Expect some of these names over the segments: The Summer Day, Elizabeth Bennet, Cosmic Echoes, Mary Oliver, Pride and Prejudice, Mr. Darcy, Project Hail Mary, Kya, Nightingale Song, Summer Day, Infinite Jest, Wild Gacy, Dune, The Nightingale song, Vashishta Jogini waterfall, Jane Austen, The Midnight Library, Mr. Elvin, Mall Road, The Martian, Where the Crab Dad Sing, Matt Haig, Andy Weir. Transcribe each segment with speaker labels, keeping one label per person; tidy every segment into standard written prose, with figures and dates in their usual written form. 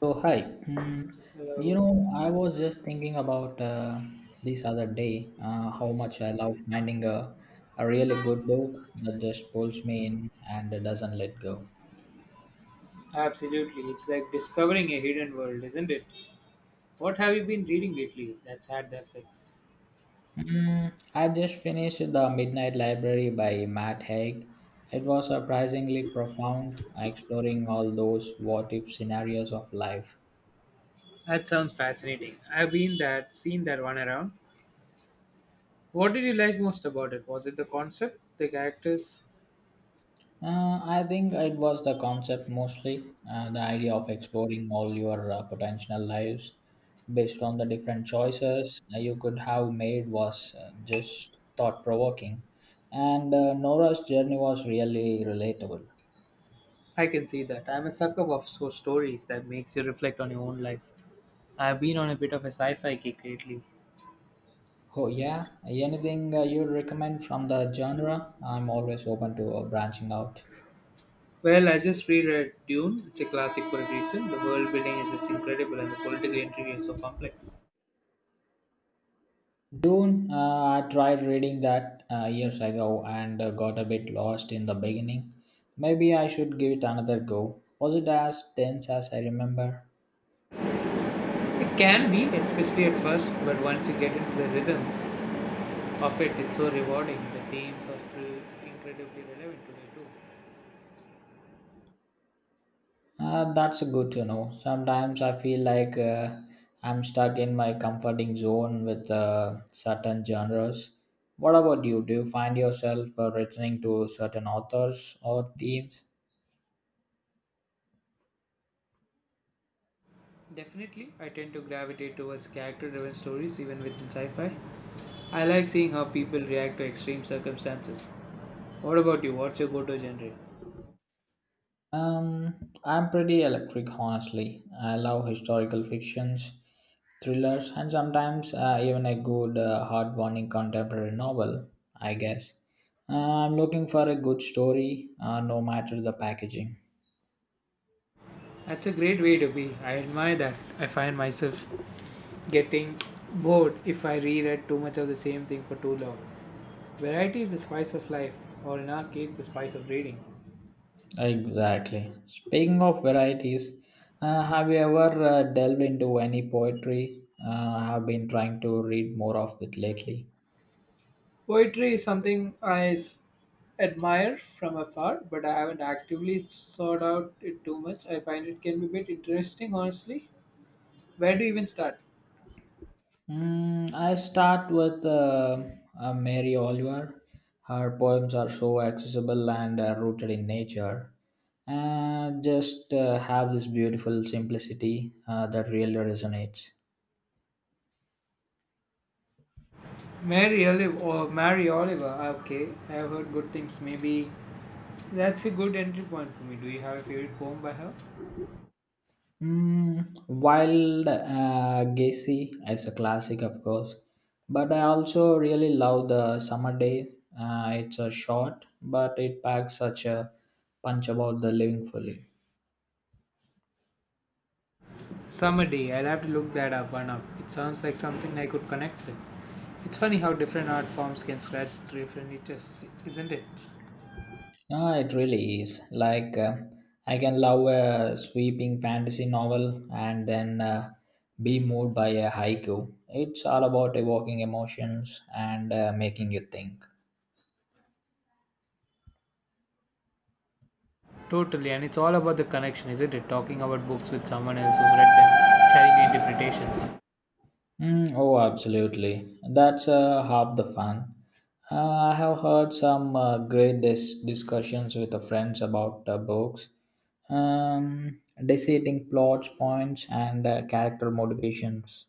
Speaker 1: So hi. Mm,
Speaker 2: Hello.
Speaker 1: I was just thinking about this other day, how much I love finding a really good book that just pulls me in and doesn't let go.
Speaker 2: Absolutely. It's like discovering a hidden world, isn't it? What have you been reading lately that's had the effects?
Speaker 1: I just finished The Midnight Library by Matt Haig. It was surprisingly profound, exploring all those what if scenarios of life.
Speaker 2: That sounds fascinating. I've been that seen that one around. What did you like most about it? Was it the concept, the characters?
Speaker 1: I think it was the concept mostly, the idea of exploring all your potential lives based on the different choices you could have made was just thought provoking. And Nora's journey was really relatable.
Speaker 2: I can see that. I'm a sucker of so stories that makes you reflect on your own life. I've been on a bit of a sci-fi kick lately.
Speaker 1: Oh, yeah. Anything you'd recommend from the genre? I'm always open to branching out.
Speaker 2: Well, I just reread Dune. It's a classic for a reason. The world building is just incredible and the political intrigue is so complex.
Speaker 1: Dune, I tried reading that years ago and got a bit lost in the beginning. Maybe I should give it another go. Was it as tense as I remember?
Speaker 2: It can be, especially at first, but once you get into the rhythm of it, it's so rewarding. The themes are still incredibly relevant today, too.
Speaker 1: That's good to know. Sometimes I feel like I'm stuck in my comforting zone with certain genres. What about you? Do you find yourself returning to certain authors or themes?
Speaker 2: Definitely, I tend to gravitate towards character driven stories, even within sci fi. I like seeing how people react to extreme circumstances. What about you? What's your go to genre?
Speaker 1: I'm pretty electric, honestly. I love historical fictions thrillers, and sometimes even a good, heartwarming contemporary novel, I guess. I'm looking for a good story, no matter the packaging.
Speaker 2: That's a great way to be. I admire that. I find myself getting bored if I reread too much of the same thing for too long. Variety is the spice of life, or in our case, the spice of reading.
Speaker 1: Exactly. Speaking of varieties, have you ever delved into any poetry? I have been trying to read more of it lately.
Speaker 2: Poetry is something admire from afar, but I haven't actively sought out it too much. I find it can be a bit interesting, honestly. Where do you even start?
Speaker 1: I start with Mary Oliver. Her poems are so accessible and rooted in nature, and just have this beautiful simplicity that really resonates.
Speaker 2: Mary Olive or Mary Oliver. Okay, I have heard good things. Maybe that's a good entry point for me. Do you have a favorite poem by her?
Speaker 1: Wild Gacy is a classic, of course, but I also really love the Summer Day. It's a short, but it packs such a punch about the living fully.
Speaker 2: Summer Day. I'll have to look that up one up. It sounds like something I could connect with. It's funny how different art forms can scratch different itches, isn't it?
Speaker 1: Yeah, it really is. Like, I can love a sweeping fantasy novel and then be moved by a haiku. It's all about evoking emotions and making you think.
Speaker 2: Totally, and it's all about the connection, isn't it? Talking about books with someone else who's read them, sharing your interpretations.
Speaker 1: Oh, absolutely. That's half the fun. I have heard some great discussions with the friends about books, dissecting plots, points, and character motivations.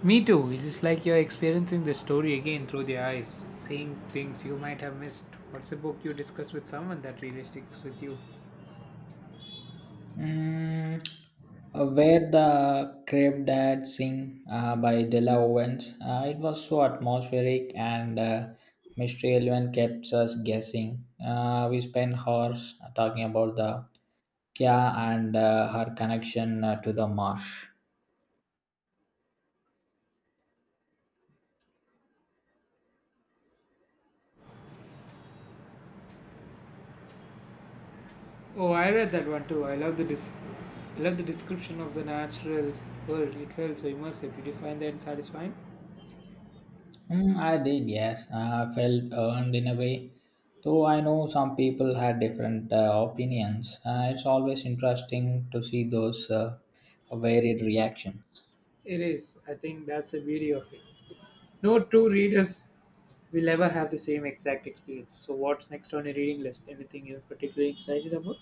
Speaker 2: Me too, it's just like you're experiencing the story again through their eyes, seeing things you might have missed. What's a book you discussed with someone that really sticks with you?
Speaker 1: Mm, where the Crab Dad Sing by Della Owens. It was so atmospheric and Mr. Elvin kept us guessing. We spent hours talking about the Kya and her connection to the marsh.
Speaker 2: Oh, I read that one too. I love the description of the natural world. It felt so immersive. Did you find that satisfying?
Speaker 1: I did, yes. I felt earned in a way. Though I know some people had different opinions, it's always interesting to see those varied reactions.
Speaker 2: It is. I think that's the beauty of it. No two readers will ever have the same exact experience. So, what's next on your reading list? Anything you're particularly excited about?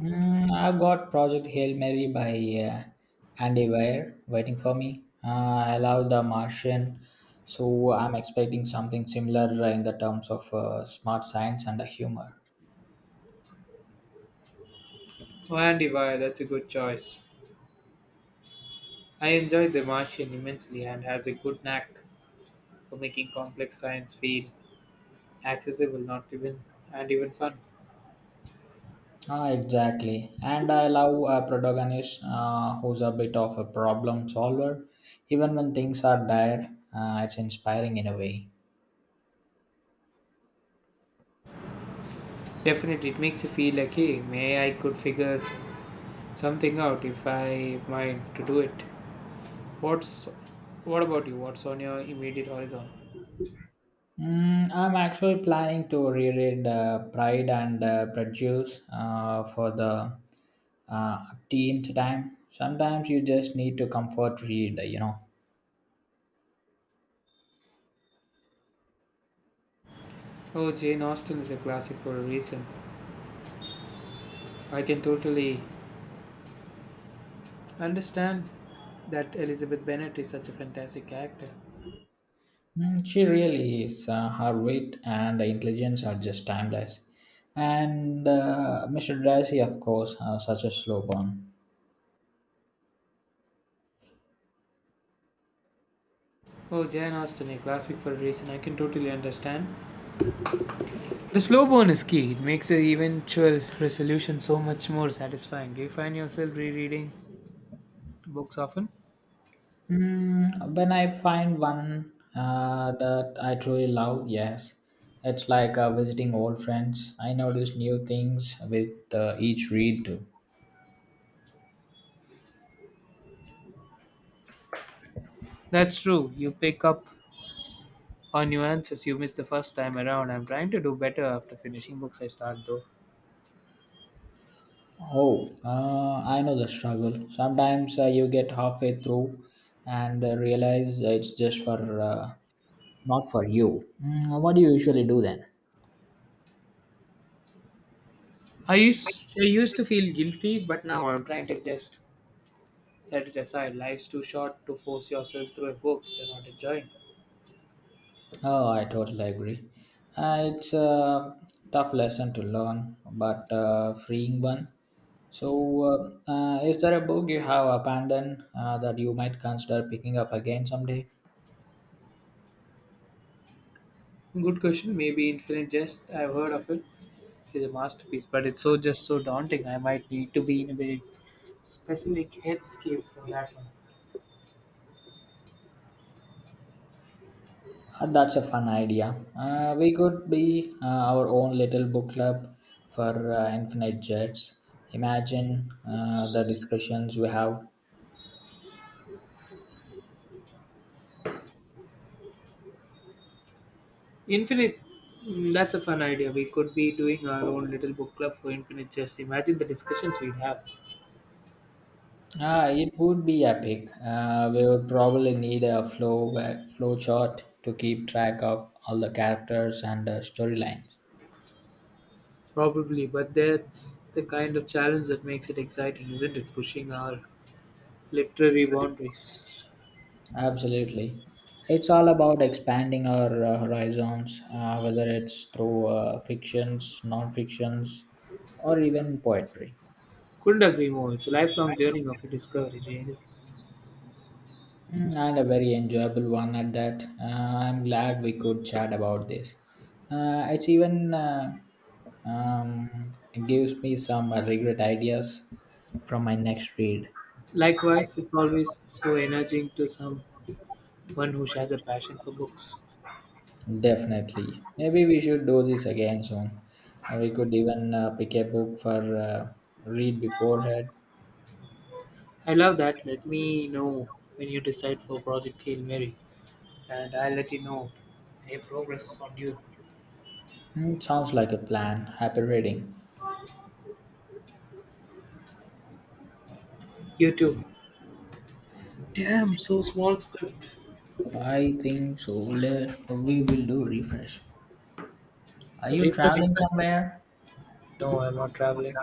Speaker 1: I got Project Hail Mary by uh, Andy Weir waiting for me. I love The Martian, so I'm expecting something similar in the terms of smart science and humor.
Speaker 2: Oh, Andy Weir, that's a good choice. I enjoyed The Martian immensely and has a good knack for making complex science feel accessible, not even and even fun.
Speaker 1: Ah, exactly. And I love a protagonist who's a bit of a problem solver, even when things are dire. It's inspiring in a way.
Speaker 2: Definitely, it makes you feel like, hey, may I could figure something out if I mind to do it. What's what about you? What's on your immediate horizon?
Speaker 1: I'm actually planning to reread Pride and Prejudice for the uh, tenth time. Sometimes you just need to comfort read, you know.
Speaker 2: Oh, Jane Austen is a classic for a reason. I can totally I understand that Elizabeth Bennet is such a fantastic character.
Speaker 1: She really is. Her wit and intelligence are just timeless. And Mr. Darcy, of course, such a slow burn.
Speaker 2: Oh, Jane Austen, a classic for a reason. I can totally understand. The slow burn is key. It makes the eventual resolution so much more satisfying. Do you find yourself rereading books often?
Speaker 1: When I find one that I truly love, yes, it's like visiting old friends. I notice new things with each read too.
Speaker 2: That's true. You pick up on nuances you missed the first time around. I'm trying to do better after finishing books I start though.
Speaker 1: Oh, I know the struggle. Sometimes you get halfway through and realize it's just for not for you. What do you usually do then?
Speaker 2: I used to feel guilty, but now I'm trying to just set it aside. Life's too short to force yourself through a book you're not enjoying.
Speaker 1: Oh, I totally agree. It's a tough lesson to learn, but freeing one. So, is there a book you have abandoned that you might consider picking up again someday?
Speaker 2: Good question. Maybe Infinite Jest. I've heard of it. It's a masterpiece, but it's just so daunting. I might need to be in a very specific headscape for that one.
Speaker 1: That's a fun idea. We could be our own little book club for infinite jets. Imagine the discussions we have.
Speaker 2: Infinite. That's a fun idea. We could be doing our own little book club for Infinite Jest. Imagine the discussions we'd have.
Speaker 1: Ah, it would be epic. We would probably need a flow chart to keep track of all the characters and storylines.
Speaker 2: Probably, but that's the kind of challenge that makes it exciting, isn't it? Pushing our literary boundaries.
Speaker 1: Absolutely, it's all about expanding our horizons, whether it's through fictions, non-fictions, or even poetry.
Speaker 2: Couldn't agree more. It's a lifelong journey of a discovery, really.
Speaker 1: And a very enjoyable one at that. I'm glad we could chat about this. Uh, it's even uh, it gives me some regret ideas from my next read.
Speaker 2: Likewise, it's always so energizing to some one who shares a passion for books.
Speaker 1: Definitely. Maybe we should do this again soon. We could even pick a book for read beforehand.
Speaker 2: I love that. Let me know when you decide for Project Hail Mary, and I'll let you know any progress on you.
Speaker 1: Sounds like a plan. Happy reading.
Speaker 2: You too.
Speaker 1: Yeah,
Speaker 2: Damn, so small script.
Speaker 1: I think so. Let we will do refresh. Are you traveling
Speaker 2: Refreshes.
Speaker 1: somewhere?
Speaker 2: No, I'm not traveling.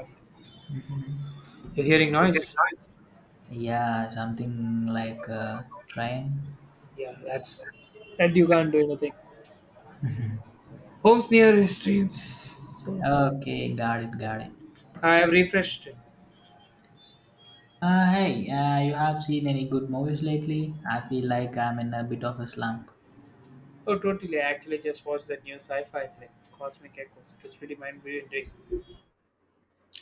Speaker 2: You're hearing noise.
Speaker 1: Yeah, something like train.
Speaker 2: Yeah, that's and you can't do anything. Home's nearest. Trains. So
Speaker 1: Okay, got it, got it.
Speaker 2: I have refreshed. It.
Speaker 1: Hey, you have seen any good movies lately? I feel like I'm in a bit of a slump.
Speaker 2: Oh, totally. I actually just watched that new sci-fi film, Cosmic Echoes. It was pretty mind-bending.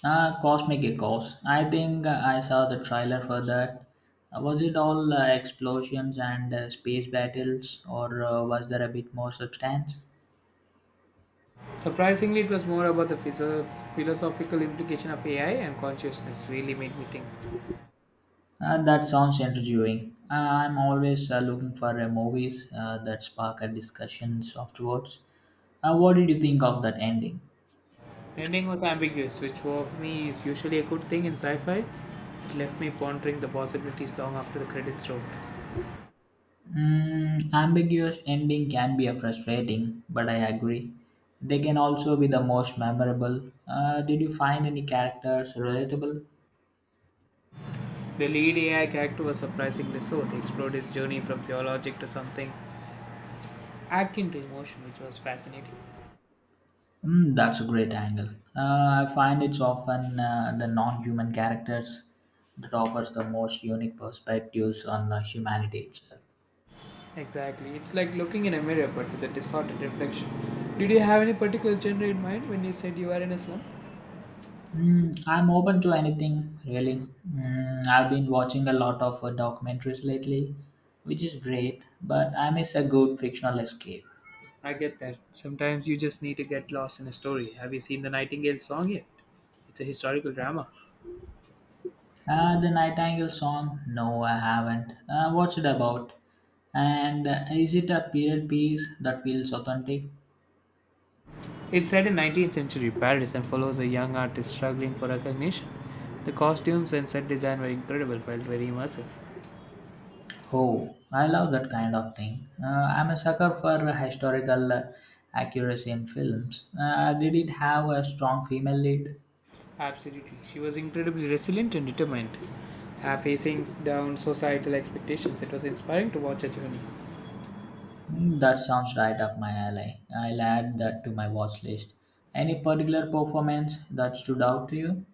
Speaker 1: Cosmic Echoes. I think I saw the trailer for that. Was it all explosions and space battles, or was there a bit more substance?
Speaker 2: Surprisingly, it was more about the philosophical implication of AI and consciousness, really made me think.
Speaker 1: That sounds intriguing. I'm always looking for movies that spark a discussion afterwards. What did you think of that ending?
Speaker 2: The ending was ambiguous, which for me is usually a good thing in sci fi. It left me pondering the possibilities long after the credits rolled.
Speaker 1: Ambiguous ending can be a frustrating, but I agree. They can also be the most memorable. Did you find any characters relatable?
Speaker 2: The lead AI character was surprisingly so. They explored his journey from pure logic to something akin to emotion, which was fascinating.
Speaker 1: That's a great angle. I find it's often the non-human characters that offers the most unique perspectives on humanity itself.
Speaker 2: Exactly. It's like looking in a mirror but with a distorted reflection. Did you have any particular genre in mind when you said you were in a slum?
Speaker 1: I'm open to anything, really. I've been watching a lot of documentaries lately, which is great, but I miss a good fictional escape.
Speaker 2: I get that. Sometimes you just need to get lost in a story. Have you seen the Nightingale song yet? It's a historical drama.
Speaker 1: The Nightingale song? No, I haven't. What's it about? And is it a period piece that feels authentic?
Speaker 2: It's set in 19th century Paris and follows a young artist struggling for recognition. The costumes and set design were incredible, felt very immersive.
Speaker 1: Oh, I love that kind of thing. I'm a sucker for historical accuracy in films. Did it have a strong female lead?
Speaker 2: Absolutely. She was incredibly resilient and determined, facing down societal expectations. It was inspiring to watch her journey.
Speaker 1: That sounds right up my alley. I'll add that to my watch list. Any particular performance that stood out to you?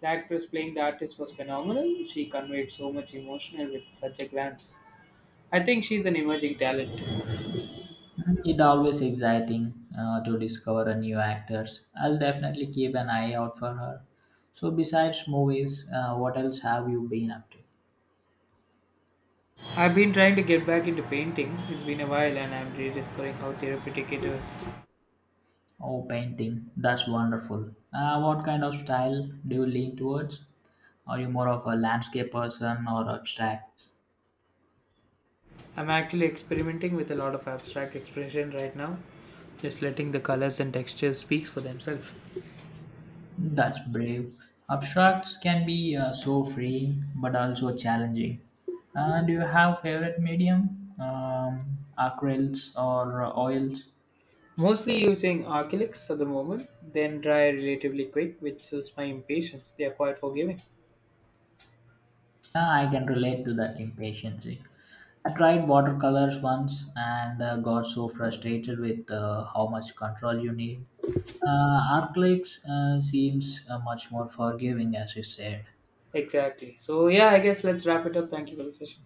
Speaker 2: The actress playing the artist was phenomenal. She conveyed so much emotion with such a glance. I think she's an emerging talent.
Speaker 1: It always exciting to discover a new actors. I'll definitely keep an eye out for her. So besides movies, what else have you been up to?
Speaker 2: I've been trying to get back into painting. It's been a while and I'm rediscovering how therapeutic it is.
Speaker 1: Oh, painting. That's wonderful. What kind of style do you lean towards? Are you more of a landscape person or abstract?
Speaker 2: I'm actually experimenting with a lot of abstract expression right now, just letting the colors and textures speak for themselves.
Speaker 1: That's brave. Abstracts can be so freeing but also challenging. Do you have favorite medium? Acrylics or oils?
Speaker 2: Mostly using acrylics at the moment, then dry relatively quick, which suits my impatience. They are quite forgiving.
Speaker 1: I can relate to that impatience. I tried watercolors once and got so frustrated with how much control you need. Acrylics seems much more forgiving, as you said.
Speaker 2: Exactly. So, yeah, I guess let's wrap it up. Thank you for the session.